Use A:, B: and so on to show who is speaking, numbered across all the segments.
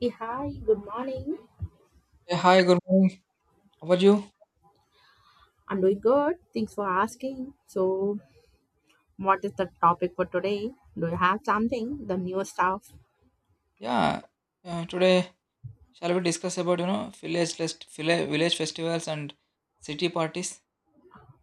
A: Yeah, hi, good morning.
B: Yeah, hi, good morning. How about you?
A: I'm doing good. Thanks for asking. So, what is the topic for today? Do you have something? The new stuff?
B: Yeah, today shall we discuss about village village festivals and city parties?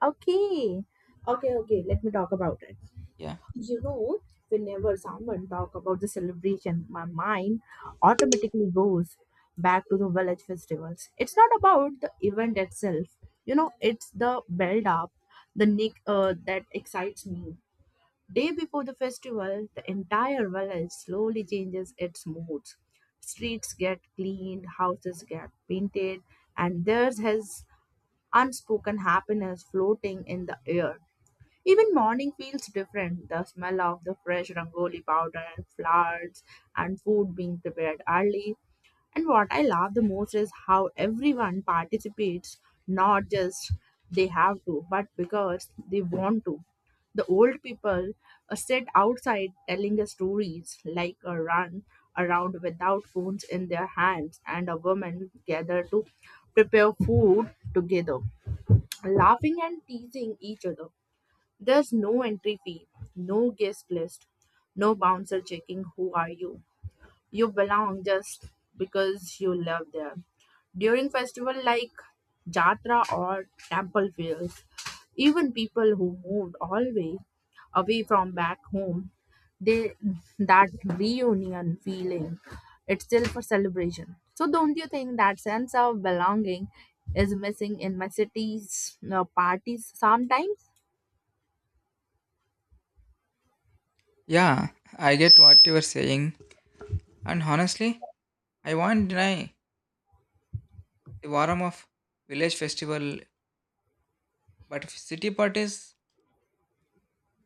A: Okay. Okay, okay. Let me talk about it.
B: Yeah,
A: You know, whenever someone talk about the celebration, my mind automatically goes back to the village festivals. It's not about the event itself. You know, it's the build up, the nick that excites me. Day before the festival, the entire village slowly changes its moods. Streets get cleaned, houses get painted, and there's his unspoken happiness floating in the air. Even morning feels different. The smell of the fresh rangoli powder and flowers and food being prepared early and what I love the most is how everyone participates, not just they have to, but because they want to. The old people sit outside telling us stories, like a run around without phones in their hands, and a woman gather to prepare food together, laughing and teasing each other. There's no entry fee, no guest list, no bouncer checking who are you you belong just because you live there. During festival like Jatra or temple fairs, even people who moved all way away from back home, they that reunion feeling, it's still for celebration. So don't you think that sense of belonging is missing in my city's parties sometimes?
B: yeah, I get what you were saying, and honestly, I won't deny the warmth of village festival, but city parties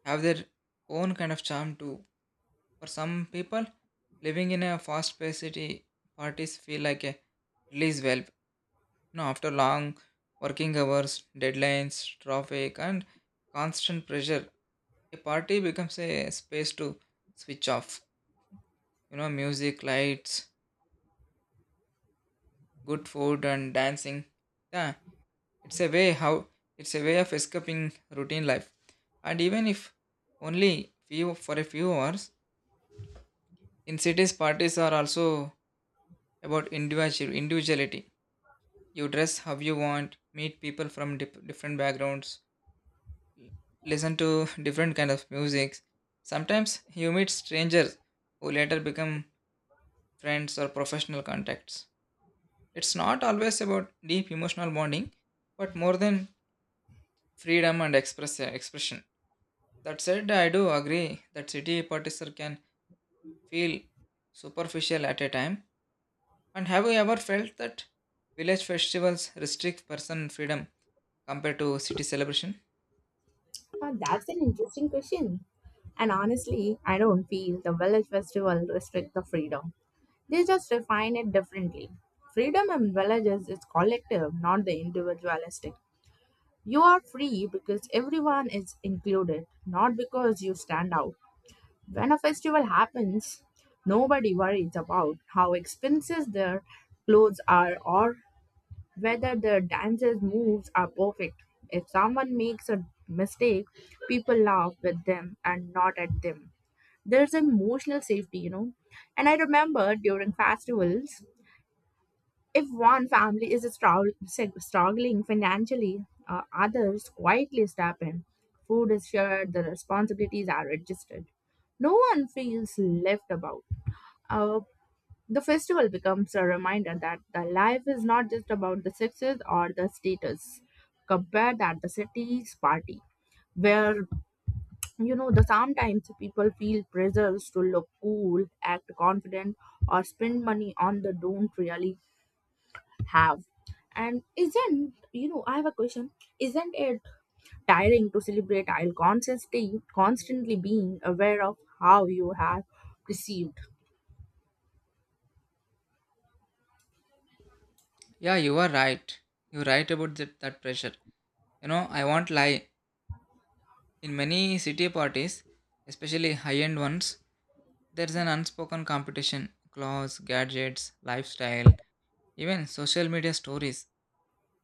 B: have their own kind of charm too. For some people, living in a fast-paced city, parties feel like a release valve. No, after long working hours, deadlines, traffic, and constant pressure, a party becomes a space to switch off. You know, music, lights, good food, and dancing. Yeah, it's a way how it's a way of escaping routine life. And even if only few for a few hours, in cities, parties are also about individuality. You dress how you want, meet people from different backgrounds, listen to different kind of music. Sometimes you meet strangers who later become friends or professional contacts. It's not always about deep emotional bonding, but more than freedom and expression. That said, I do agree that city partisan can feel superficial at a time. And have you ever felt that village festivals restrict person freedom compared to city celebration?
A: That's an interesting question. And honestly, I don't feel the village festival restrict the freedom. They just define it differently. Freedom in villages is collective, not the individualistic. You are free because everyone is included, not because you stand out. When a festival happens, nobody worries about how expensive their clothes are or whether the dancer's moves are perfect. If someone makes a mistake, people laugh with them and not at them. There's emotional safety, you know. And I remember during festivals, if one family is struggling financially, others quietly step in. Food is shared, the responsibilities are adjusted. No one feels left about. Uh, the festival becomes a reminder that the life is not just about the success or the status. Compare that the city's party, where you know the sometimes people feel pressures to look cool, act confident, or spend money on the don't really have. And isn't you know I have a question. Isn't it tiring to celebrate while constantly being aware of how you have received?
B: Yeah, you are right. You're right about that, that pressure. You know, I won't lie. In many city parties, especially high end ones, there's an unspoken competition clothes, gadgets, lifestyle, even social media stories.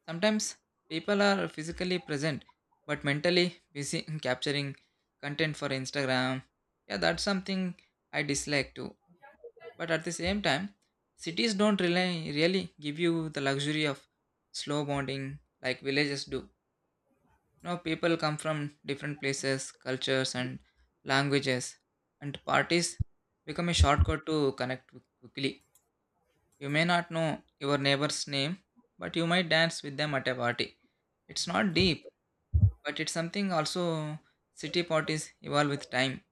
B: Sometimes people are physically present but mentally busy in capturing content for Instagram. Yeah, that's something I dislike too. But at the same time, cities don't really give you the luxury of slow bonding like villages do. You know, people come from different places, cultures, and languages, and parties become a shortcut to connect quickly. You may not know your neighbor's name, but you might dance with them at a party. It's not deep, but it's something also city parties evolve with time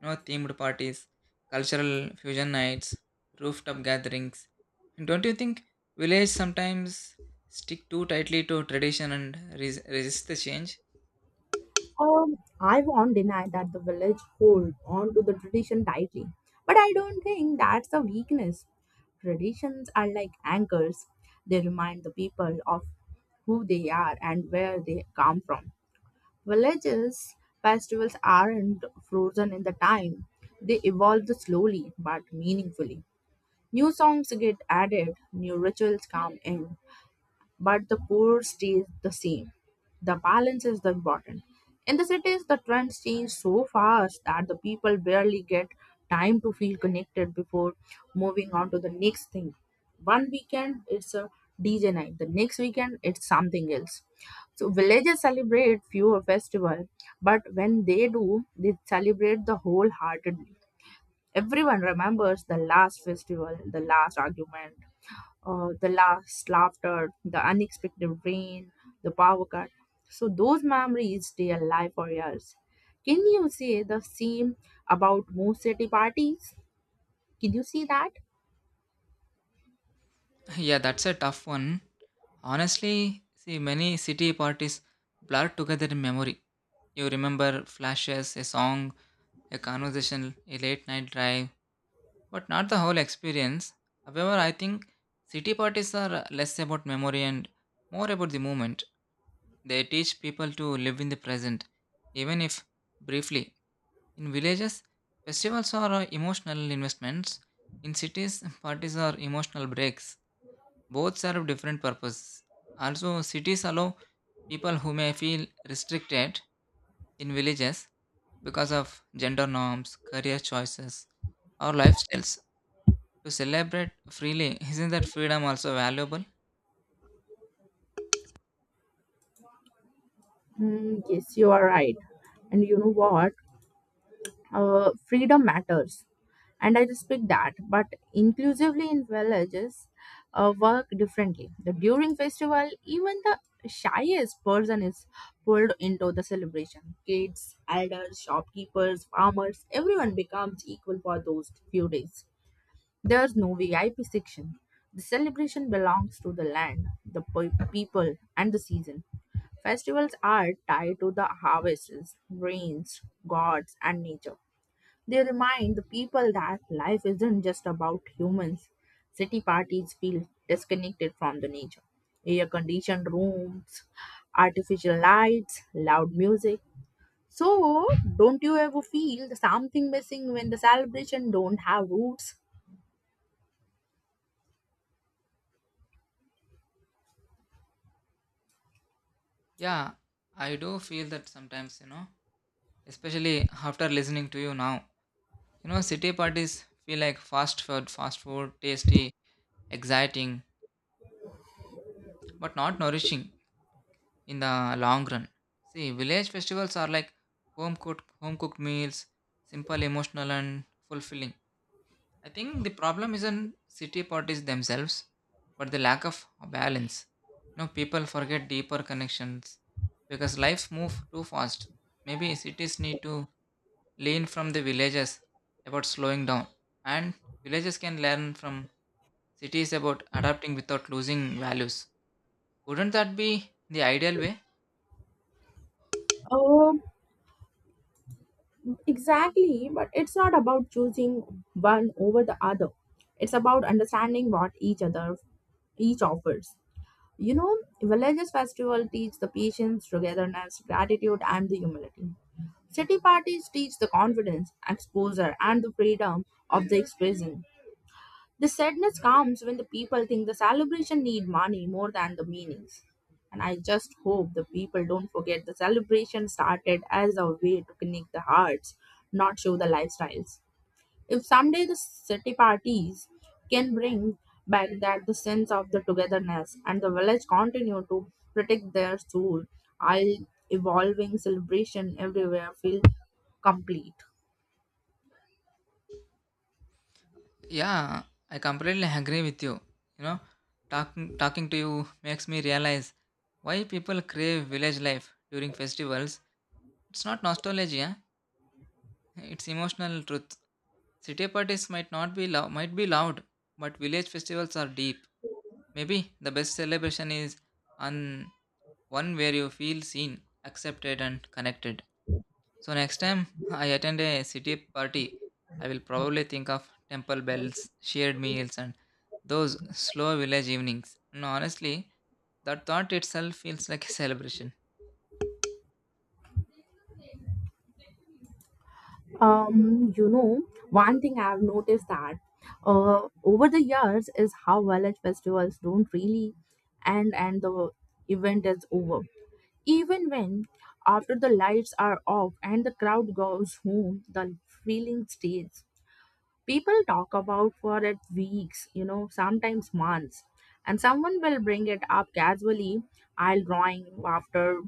B: themed parties, cultural fusion nights, rooftop gatherings. And don't you think village sometimes stick too tightly to tradition and resist the change?
A: I won't deny that the village hold on to the tradition tightly, but I don't think that's a weakness. Traditions are like anchors; they remind the people of who they are and where they come from. Villages festivals aren't frozen in the time; they evolve slowly but meaningfully. New songs get added, new rituals come in, but the core stays the same. The balance is the important. In the cities, the trends change so fast that the people barely get time to feel connected before moving on to the next thing. One weekend it's a DJ night, the next weekend it's something else. So villages celebrate fewer festival, but when they do, they celebrate the wholehearted. Everyone remembers the last festival, the last argument, the last laughter, the unexpected rain, the power cut. So those memories stay alive for years. Can you say the same about most city parties? Can you see that?
B: Yeah, that's a tough one. Honestly, see, many city parties blur together in memory. You remember flashes, a song, a conversation, a late night drive, but not the whole experience. However, I think city parties are less about memory and more about the moment. They teach people to live in the present, even if briefly. In villages, festivals are emotional investments. In cities, parties are emotional breaks. Both serve different purposes. Also, cities allow people who may feel restricted in villages because of gender norms, career choices, or lifestyles to celebrate freely. Isn't that freedom also valuable?
A: Hmm, yes, you are right. And you know what? Freedom matters and I respect that but inclusively in villages work differently the during festival even the shyest person is pulled into the celebration, kids, elders, shopkeepers, farmers, everyone becomes equal for those few days. There's no vip section. The celebration belongs to the land, the people and the season. Festivals are tied to the harvests, rains, gods, and nature. They remind the people that life isn't just about humans. City parties feel disconnected from the nature. Air conditioned rooms, artificial lights, loud music. So, don't you ever feel something missing when the celebration don't have roots?
B: Yeah, I do feel that sometimes, you know, especially after listening to you now, you know, city parties feel like fast food, tasty, exciting, but not nourishing in the long run. See, village festivals are like home cooked meals, simple, emotional, and fulfilling. I think the problem isn't city parties themselves, but the lack of balance. You know, people forget deeper connections because lives move too fast. Maybe cities need to learn from the villages about slowing down, and villages can learn from cities about adapting without losing values. Wouldn't that be the ideal way?
A: Um, exactly, but it's not about choosing one over the other. It's about understanding what each other each offers. You know, villages festival teach the patience, togetherness, gratitude, and the humility. City parties teach the confidence, exposure, and the freedom of the expression. The sadness comes when the people think the celebration need money more than the meanings. And I just hope the people don't forget the celebration started as a way to connect the hearts, not show the lifestyles. If someday the city parties can bring back that the sense of the togetherness and the village continue to protect their soul, I'll evolving celebration everywhere feel complete.
B: Yeah, I completely agree with you. You know, talking to you makes me realize why people crave village life during festivals. It's not nostalgia, it's emotional truth. City parties might not be loud, might be loud, but village festivals are deep. Maybe the best celebration is on one where you feel seen, accepted and connected. So next time I attend a city party, I will probably think of temple bells, shared meals, and those slow village evenings. No, honestly, that thought itself feels like a celebration.
A: You know, one thing I've noticed that over the years is how village festivals don't really end and the event is over. Even when after the lights are off and the crowd goes home, the feeling stays. People talk about for it weeks, you know, sometimes months, and someone will bring it up casually. I'll drawing after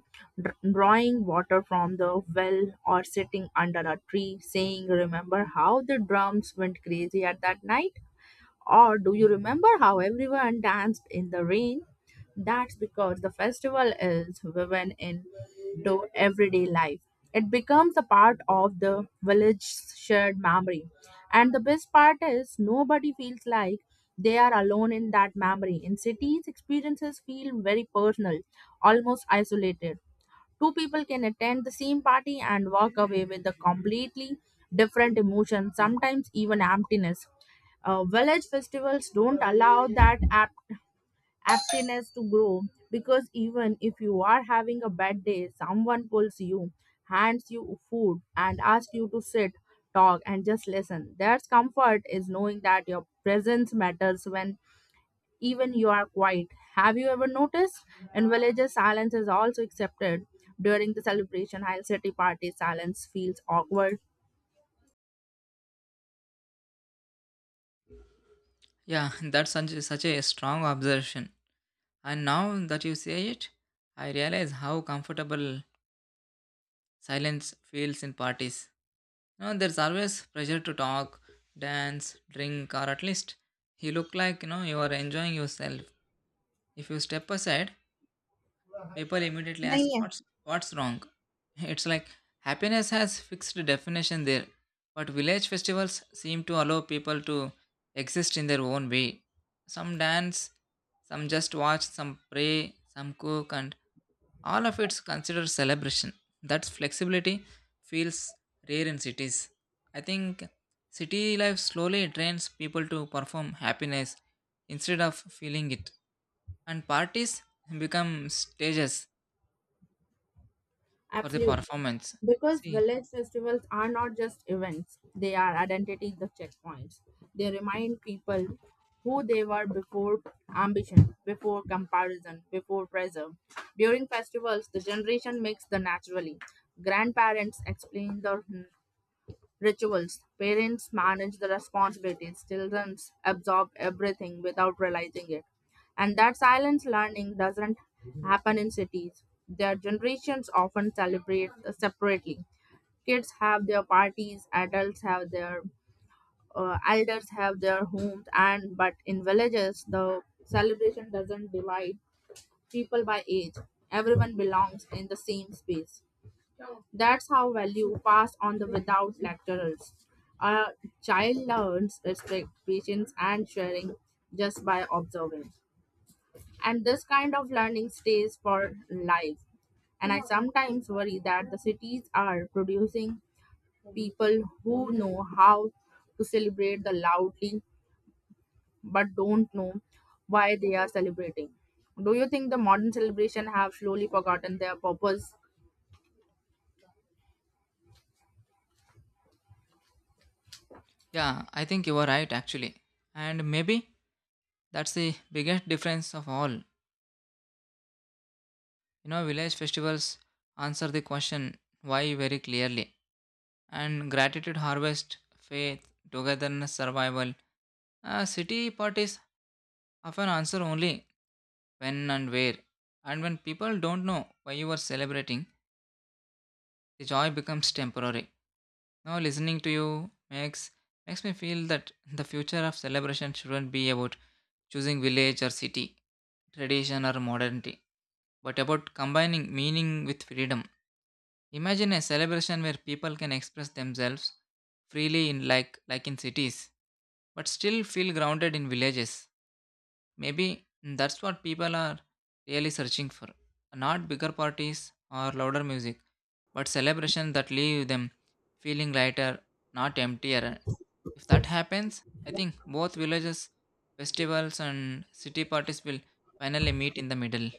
A: drawing water from the well or sitting under a tree saying, remember how the drums went crazy at that night, or do you remember how everyone danced in the rain? That's because the festival is woven into everyday life. It becomes a part of the village's shared memory. And the best part is nobody feels like they are alone in that memory. In cities, experiences feel very personal, almost isolated. Two people can attend the same party and walk away with a completely different emotion, sometimes even emptiness. Village festivals don't allow that aptness to grow because even if you are having a bad day, someone pulls you, hands you food, and asks you to sit, talk, and just listen. There's comfort is knowing that your presence matters when even you are quiet. Have you ever noticed? In villages, silence is also accepted. During the celebration, while city parties, silence feels awkward.
B: Yeah, that's such a strong observation. And now that you say it, I realize how comfortable silence feels in parties. You know, there's always pressure to talk, dance, drink, or at least you look like you are enjoying yourself. If you step aside, people immediately ask,
A: नहीं है.
B: what's wrong? It's like happiness has fixed definition there, but village festivals seem to allow people to exist in their own way. Some dance, some just watch, some pray, some cook, and all of it's considered celebration. That flexibility feels rare in cities. I think city life slowly trains people to perform happiness instead of feeling it, and parties become stages for the
A: Absolutely.
B: performance.
A: Because
B: See,
A: village festivals are not just events, they are identities of checkpoints. They remind people who they were before ambition, before comparison, before pressure. During festivals, the generation makes the naturally. Grandparents explain the rituals. Parents manage the responsibilities. Children absorb everything without realizing it. And that silent learning doesn't happen in cities. Their generations often celebrate separately. Kids have their parties, adults have their elders have their homes, and but in villages the celebration doesn't divide people by age. Everyone belongs in the same space. That's how value passed on the without lecturers. A child learns respect, patience, and sharing just by observing. And this kind of learning stays for life. And I sometimes worry that the cities are producing people who know how to celebrate the loudly but don't know why they are celebrating. Do you think the modern celebration have slowly forgotten their purpose?
B: yeah, I think you are right actually. And maybe that's the biggest difference of all. You know, village festivals answer the question why very clearly. And gratitude, harvest, faith, togetherness, survival. City parties often answer only when and where. And when people don't know why you are celebrating, the joy becomes temporary. Now listening to you makes makes me feel that the future of celebration shouldn't be about choosing village or city, tradition or modernity, but about combining meaning with freedom. Imagine a celebration where people can express themselves freely in like in cities, but still feel grounded in villages. Maybe that's what people are really searching for. Not bigger parties or louder music, but celebrations that leave them feeling lighter, not emptier. If that happens, I think both villages, festivals, and city parties will finally meet in the middle.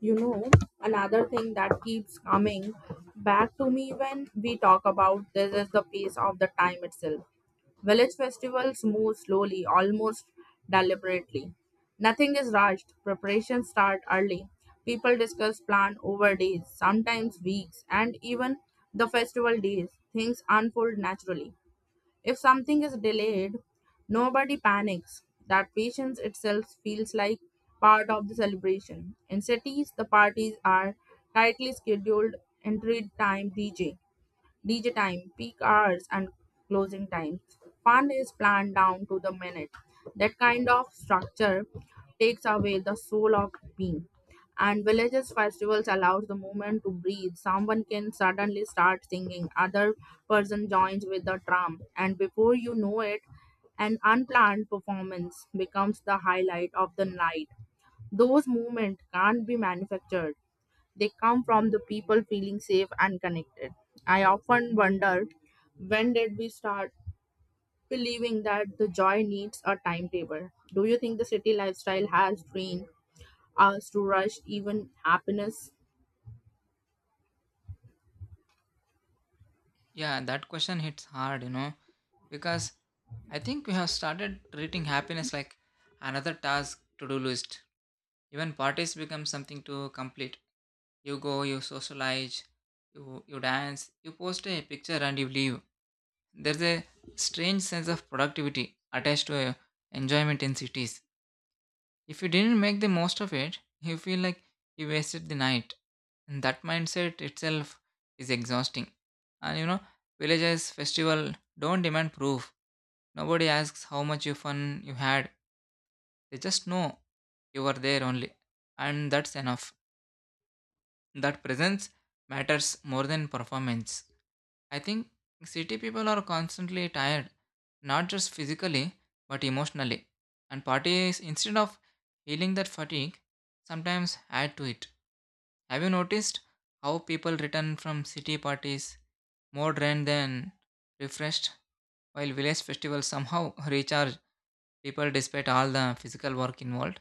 A: You know, another thing that keeps coming back to me when we talk about this is the pace of the time itself. Village festivals move slowly, almost deliberately. Nothing is rushed. Preparations start early. People discuss plan over days, sometimes weeks, and even the festival days. Things unfold naturally. If something is delayed, nobody panics. That patience itself feels like part of the celebration. In cities, the parties are tightly scheduled, entry time, DJ. DJ time, peak hours, and closing times. Fun is planned down to the minute. That kind of structure takes away the soul of being. And villages festivals allows the moment to breathe. Someone can suddenly start singing, other person joins with the drum, and before you know it, an unplanned performance becomes the highlight of the night. Those moments can't be manufactured. They come from the people feeling safe and connected. I often wonder, when did we start believing that the joy needs a timetable? Do you think the city lifestyle has trained us to rush even happiness?
B: Yeah, that question hits hard, you know, because I think we have started treating happiness like another task to do list. Even parties become something to complete. You go, you socialize, you dance, you post a picture and you leave. There's a strange sense of productivity attached to enjoyment in cities. If you didn't make the most of it, you feel like you wasted the night. And that mindset itself is exhausting. And you know, villages festival don't demand proof. Nobody asks how much you fun you had. They just know you were there only. And that's enough, that presence matters more than performance. I think city people are constantly tired, not just physically, but emotionally. And parties, instead of healing that fatigue, sometimes add to it. Have you noticed how people return from city parties more drained than refreshed, while village festivals somehow recharge people despite all the physical work involved?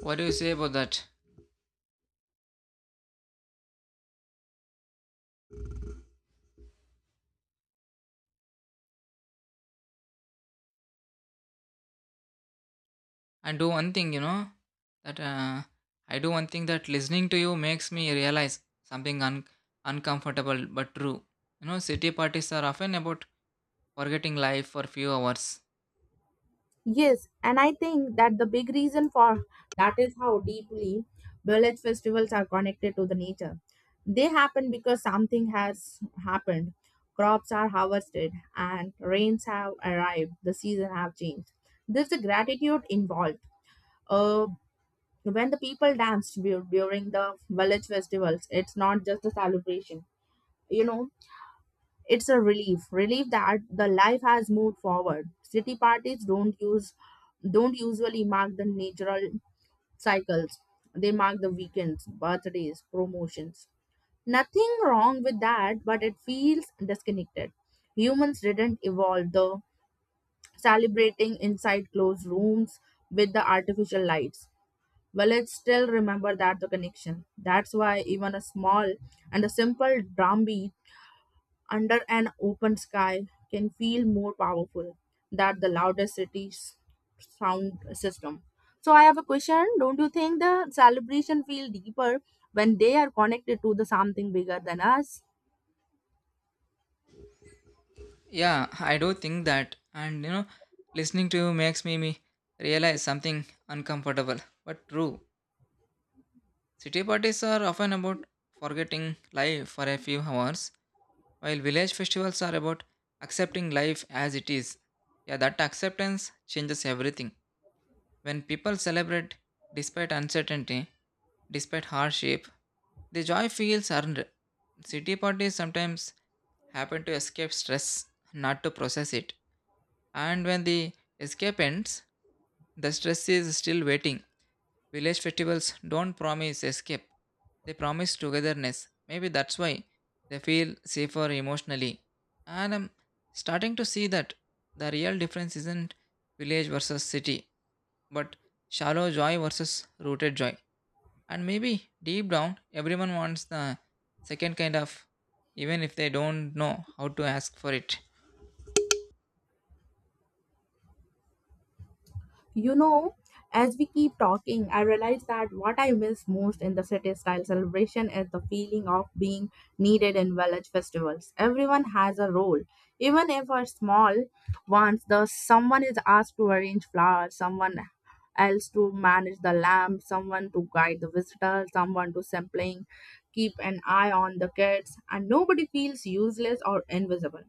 B: What do you say about that? And do one thing, you know, that I do one thing that listening to you makes me realize something uncomfortable but true. You know, city parties are often about forgetting life for few hours.
A: Yes, and I think that the big reason for that is how deeply village festivals are connected to the nature. They happen because something has happened. Crops are harvested and rains have arrived. The season have changed. There's a gratitude involved. Uh, when the people dance during the village festivals, it's not just a celebration. You know, it's a relief, relief that the life has moved forward. City parties don't usually mark the natural cycles. They mark the weekends, birthdays, promotions. Nothing wrong with that, but it feels disconnected. Humans didn't evolve the celebrating inside closed rooms with the artificial lights. Well, it still remember that the connection. That's why even a small and a simple drumbeat under an open sky can feel more powerful than the loudest city's sound system. So I have a question. Don't you think the celebration feel deeper when they are connected to the something bigger than us?
B: Yeah, I do think that. And you know, listening to you makes me realize something uncomfortable but true. City parties are often about forgetting life for a few hours, while village festivals are about accepting life as it is. Yeah, that acceptance changes everything. When people celebrate despite uncertainty, despite hardship, the joy feels earned. City parties sometimes happen to escape stress, not to process it. And when the escape ends, the stress is still waiting. Village festivals don't promise escape, they promise togetherness. Maybe that's why they feel safer emotionally. And I'm starting to see that the real difference isn't village versus city, but shallow joy versus rooted joy. And maybe deep down, everyone wants the second kind of, even if they don't know how to ask for it.
A: You know, as we keep talking, I realize that what I miss most in the city style celebration is the feeling of being needed in village festivals. Everyone has a role. Even if a small ones, the someone is asked to arrange flowers, someone else to manage the lamp, someone to guide the visitors, someone to sampling, keep an eye on the kids, and nobody feels useless or invisible.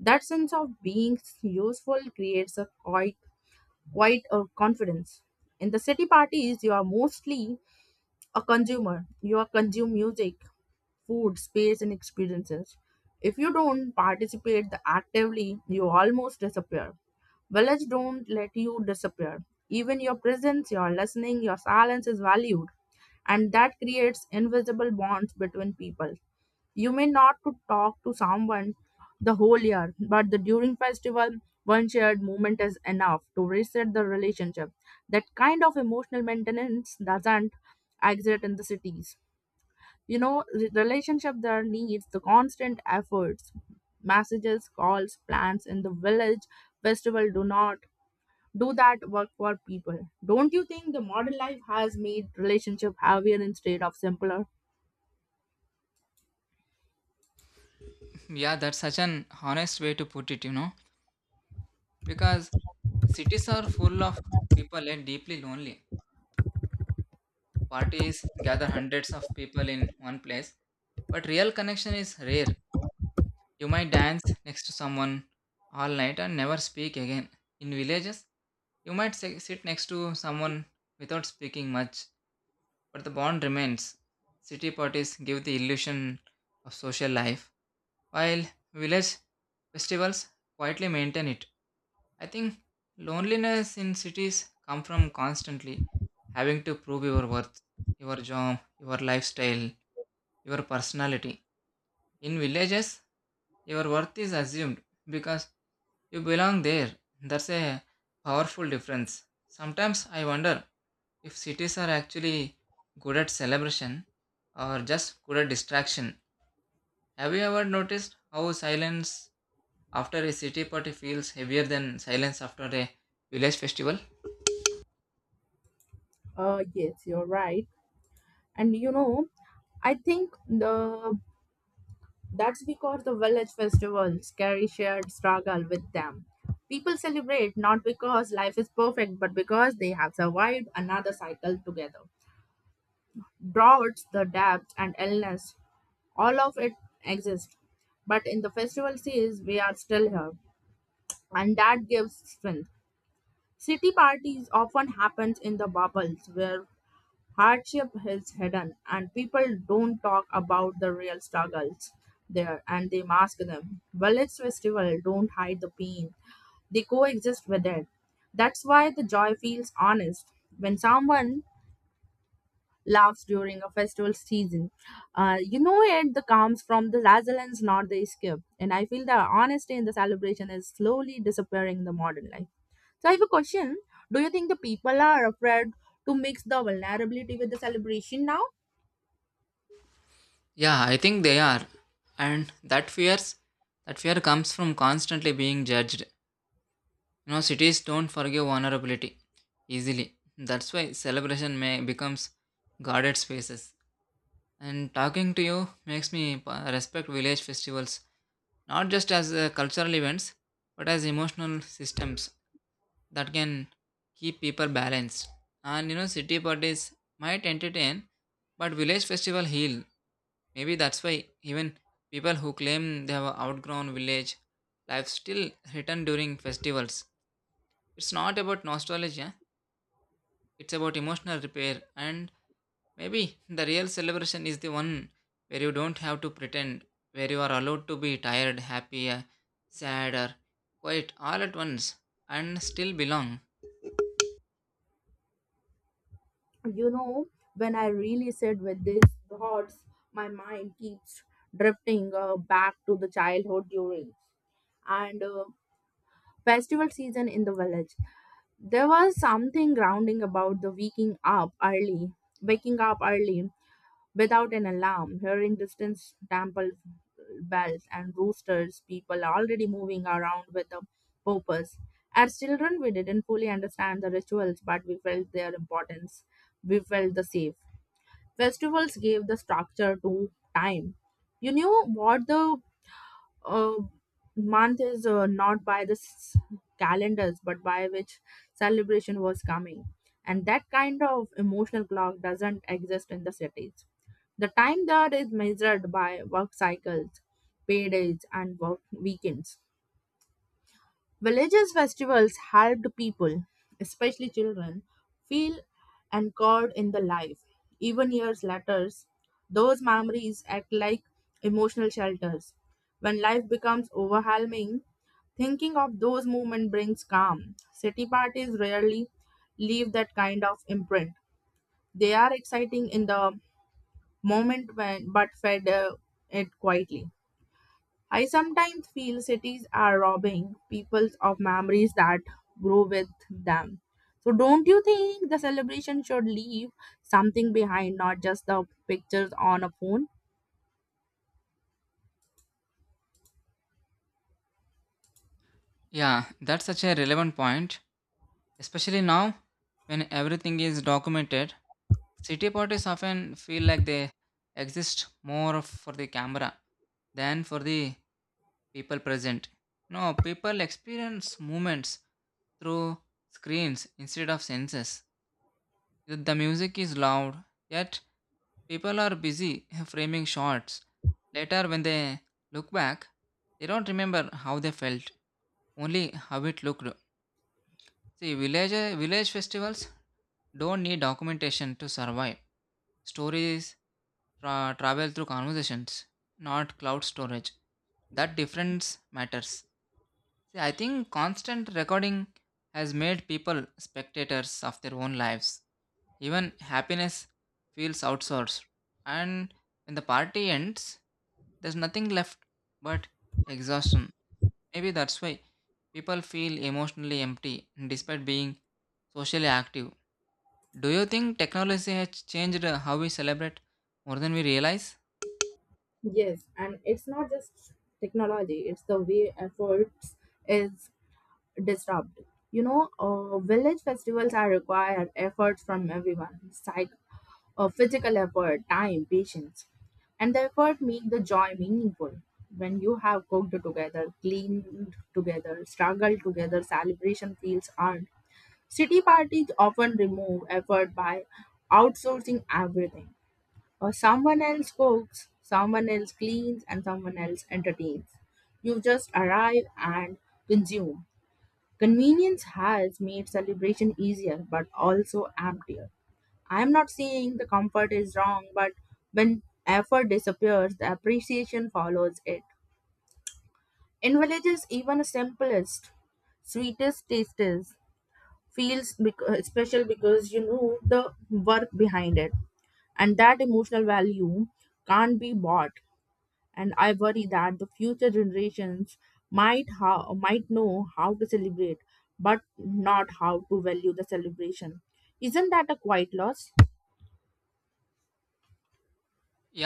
A: That sense of being useful creates a quiet Quite a confidence. In the city parties, you are mostly a consumer. You are consume music, food, space, and experiences. If you don't participate actively, you almost disappear. Village don't let you disappear. Even your presence, your listening, your silence is valued, and that creates invisible bonds between people. You may not to talk to someone the whole year, but the during festival, one shared moment is enough to reset the relationship. That kind of emotional maintenance doesn't exist in the cities. You know, the relationship there needs the constant efforts, messages, calls, plans in the village festival do not do that work for people. Don't you think the modern life has made relationship heavier instead of simpler?
B: Yeah, that's such an honest way to put it, you know, because cities are full of people and deeply lonely. Parties gather hundreds of people in one place, but real connection is rare. You might dance next to someone all night and never speak again. In villages, you might sit next to someone without speaking much, but the bond remains. City parties give the illusion of social life, while village festivals quietly maintain it. I think loneliness in cities comes from constantly having to prove your worth, your job, your lifestyle, your personality. In villages, your worth is assumed because you belong there. That's a powerful difference. Sometimes I wonder if cities are actually good at celebration or just good at distraction. Have you ever noticed how silence after a city party feels heavier than silence after a village festival?
A: Yes, you're right. And you know, I think the that's because the village festivals carry shared struggle with them. People celebrate not because life is perfect but because they have survived another cycle together. Droughts, the depth, and illness, all of it exists, but in the festival seas we are still here, and that gives strength. City parties often happens in the bubbles where hardship is hidden, and people don't talk about the real struggles there and they mask them. Village festival don't hide the pain, they coexist with it. That's why the joy feels honest. When someone laughs during a festival season. You know it that comes from the resilience, not the escape. And I feel the honesty in the celebration is slowly disappearing in the modern life. So I have a question. Do you think the people are afraid to mix the vulnerability with the celebration now?
B: Yeah, I think they are. And that fear comes from constantly being judged. You know, cities don't forgive vulnerability easily. That's why celebration may becomes guarded spaces. And talking to you makes me respect village festivals not just as cultural events but as emotional systems that can keep people balanced. And you know, city parties might entertain, but village festival heal. Maybe that's why even people who claim they have outgrown village life still return during festivals. It's not about nostalgia, it's about emotional repair. And maybe the real celebration is the one where you don't have to pretend, where you are allowed to be tired, happy, sad, or quiet all at once and still belong.
A: You know, when I really sit with these thoughts, my mind keeps drifting back to the childhood during and festival season in the village. There was something grounding about the waking up early without an alarm, hearing distant temple bells and roosters, people already moving around with a purpose. As children, we didn't fully understand the rituals, but we felt their importance. We felt the safe. Festivals gave the structure to time. You knew what the uh, month is not by the calendars but by which celebration was coming, and that kind of emotional clock doesn't exist in the cities. The time there is measured by work cycles, paydays, and work weekends. Villages' festivals helped people, especially children, feel anchored in the life. Even years later, those memories act like emotional shelters. When life becomes overwhelming, thinking of those moments brings calm. City parties rarely leave that kind of imprint. They are exciting in the moment when, but fade it quietly. I sometimes feel cities are robbing people of memories that grow with them. So, don't you think the celebration should leave something behind, not just the pictures on a phone?
B: Yeah, that's such a relevant point, especially now when everything is documented. City parties often feel like they exist more for the camera than for the people present. No, people experience movements through screens instead of senses. Yet the music is loud, yet people are busy framing shots. Later, when they look back, they don't remember how they felt, only how it looked. See, village festivals don't need documentation to survive. Stories travel through conversations, not cloud storage. That difference matters. See, I think constant recording has made people spectators of their own lives. Even happiness feels outsourced. And when the party ends, there's nothing left but exhaustion. Maybe that's why people feel emotionally empty despite being socially active. Do you think technology has changed how we celebrate more than we realize?
A: Yes, and it's not just technology, it's the way efforts is disrupt. You know, village festivals are require effort from everyone, physical effort, time, patience, and the effort make the joy meaningful. When you have cooked together, cleaned together, struggled together, celebration feels earned. City parties often remove effort by outsourcing everything. Someone else cooks, someone else cleans, and someone else entertains. You just arrive and consume. Convenience has made celebration easier but also emptier. I'm not saying the comfort is wrong, but when effort disappears, the appreciation follows it. In villages, even the simplest, sweetest tastes feels special because you know the work behind it, and that emotional value can't be bought. And I worry that the future generations might how might know how to celebrate, but not how to value the celebration. Isn't that a quiet loss?
B: Yeah,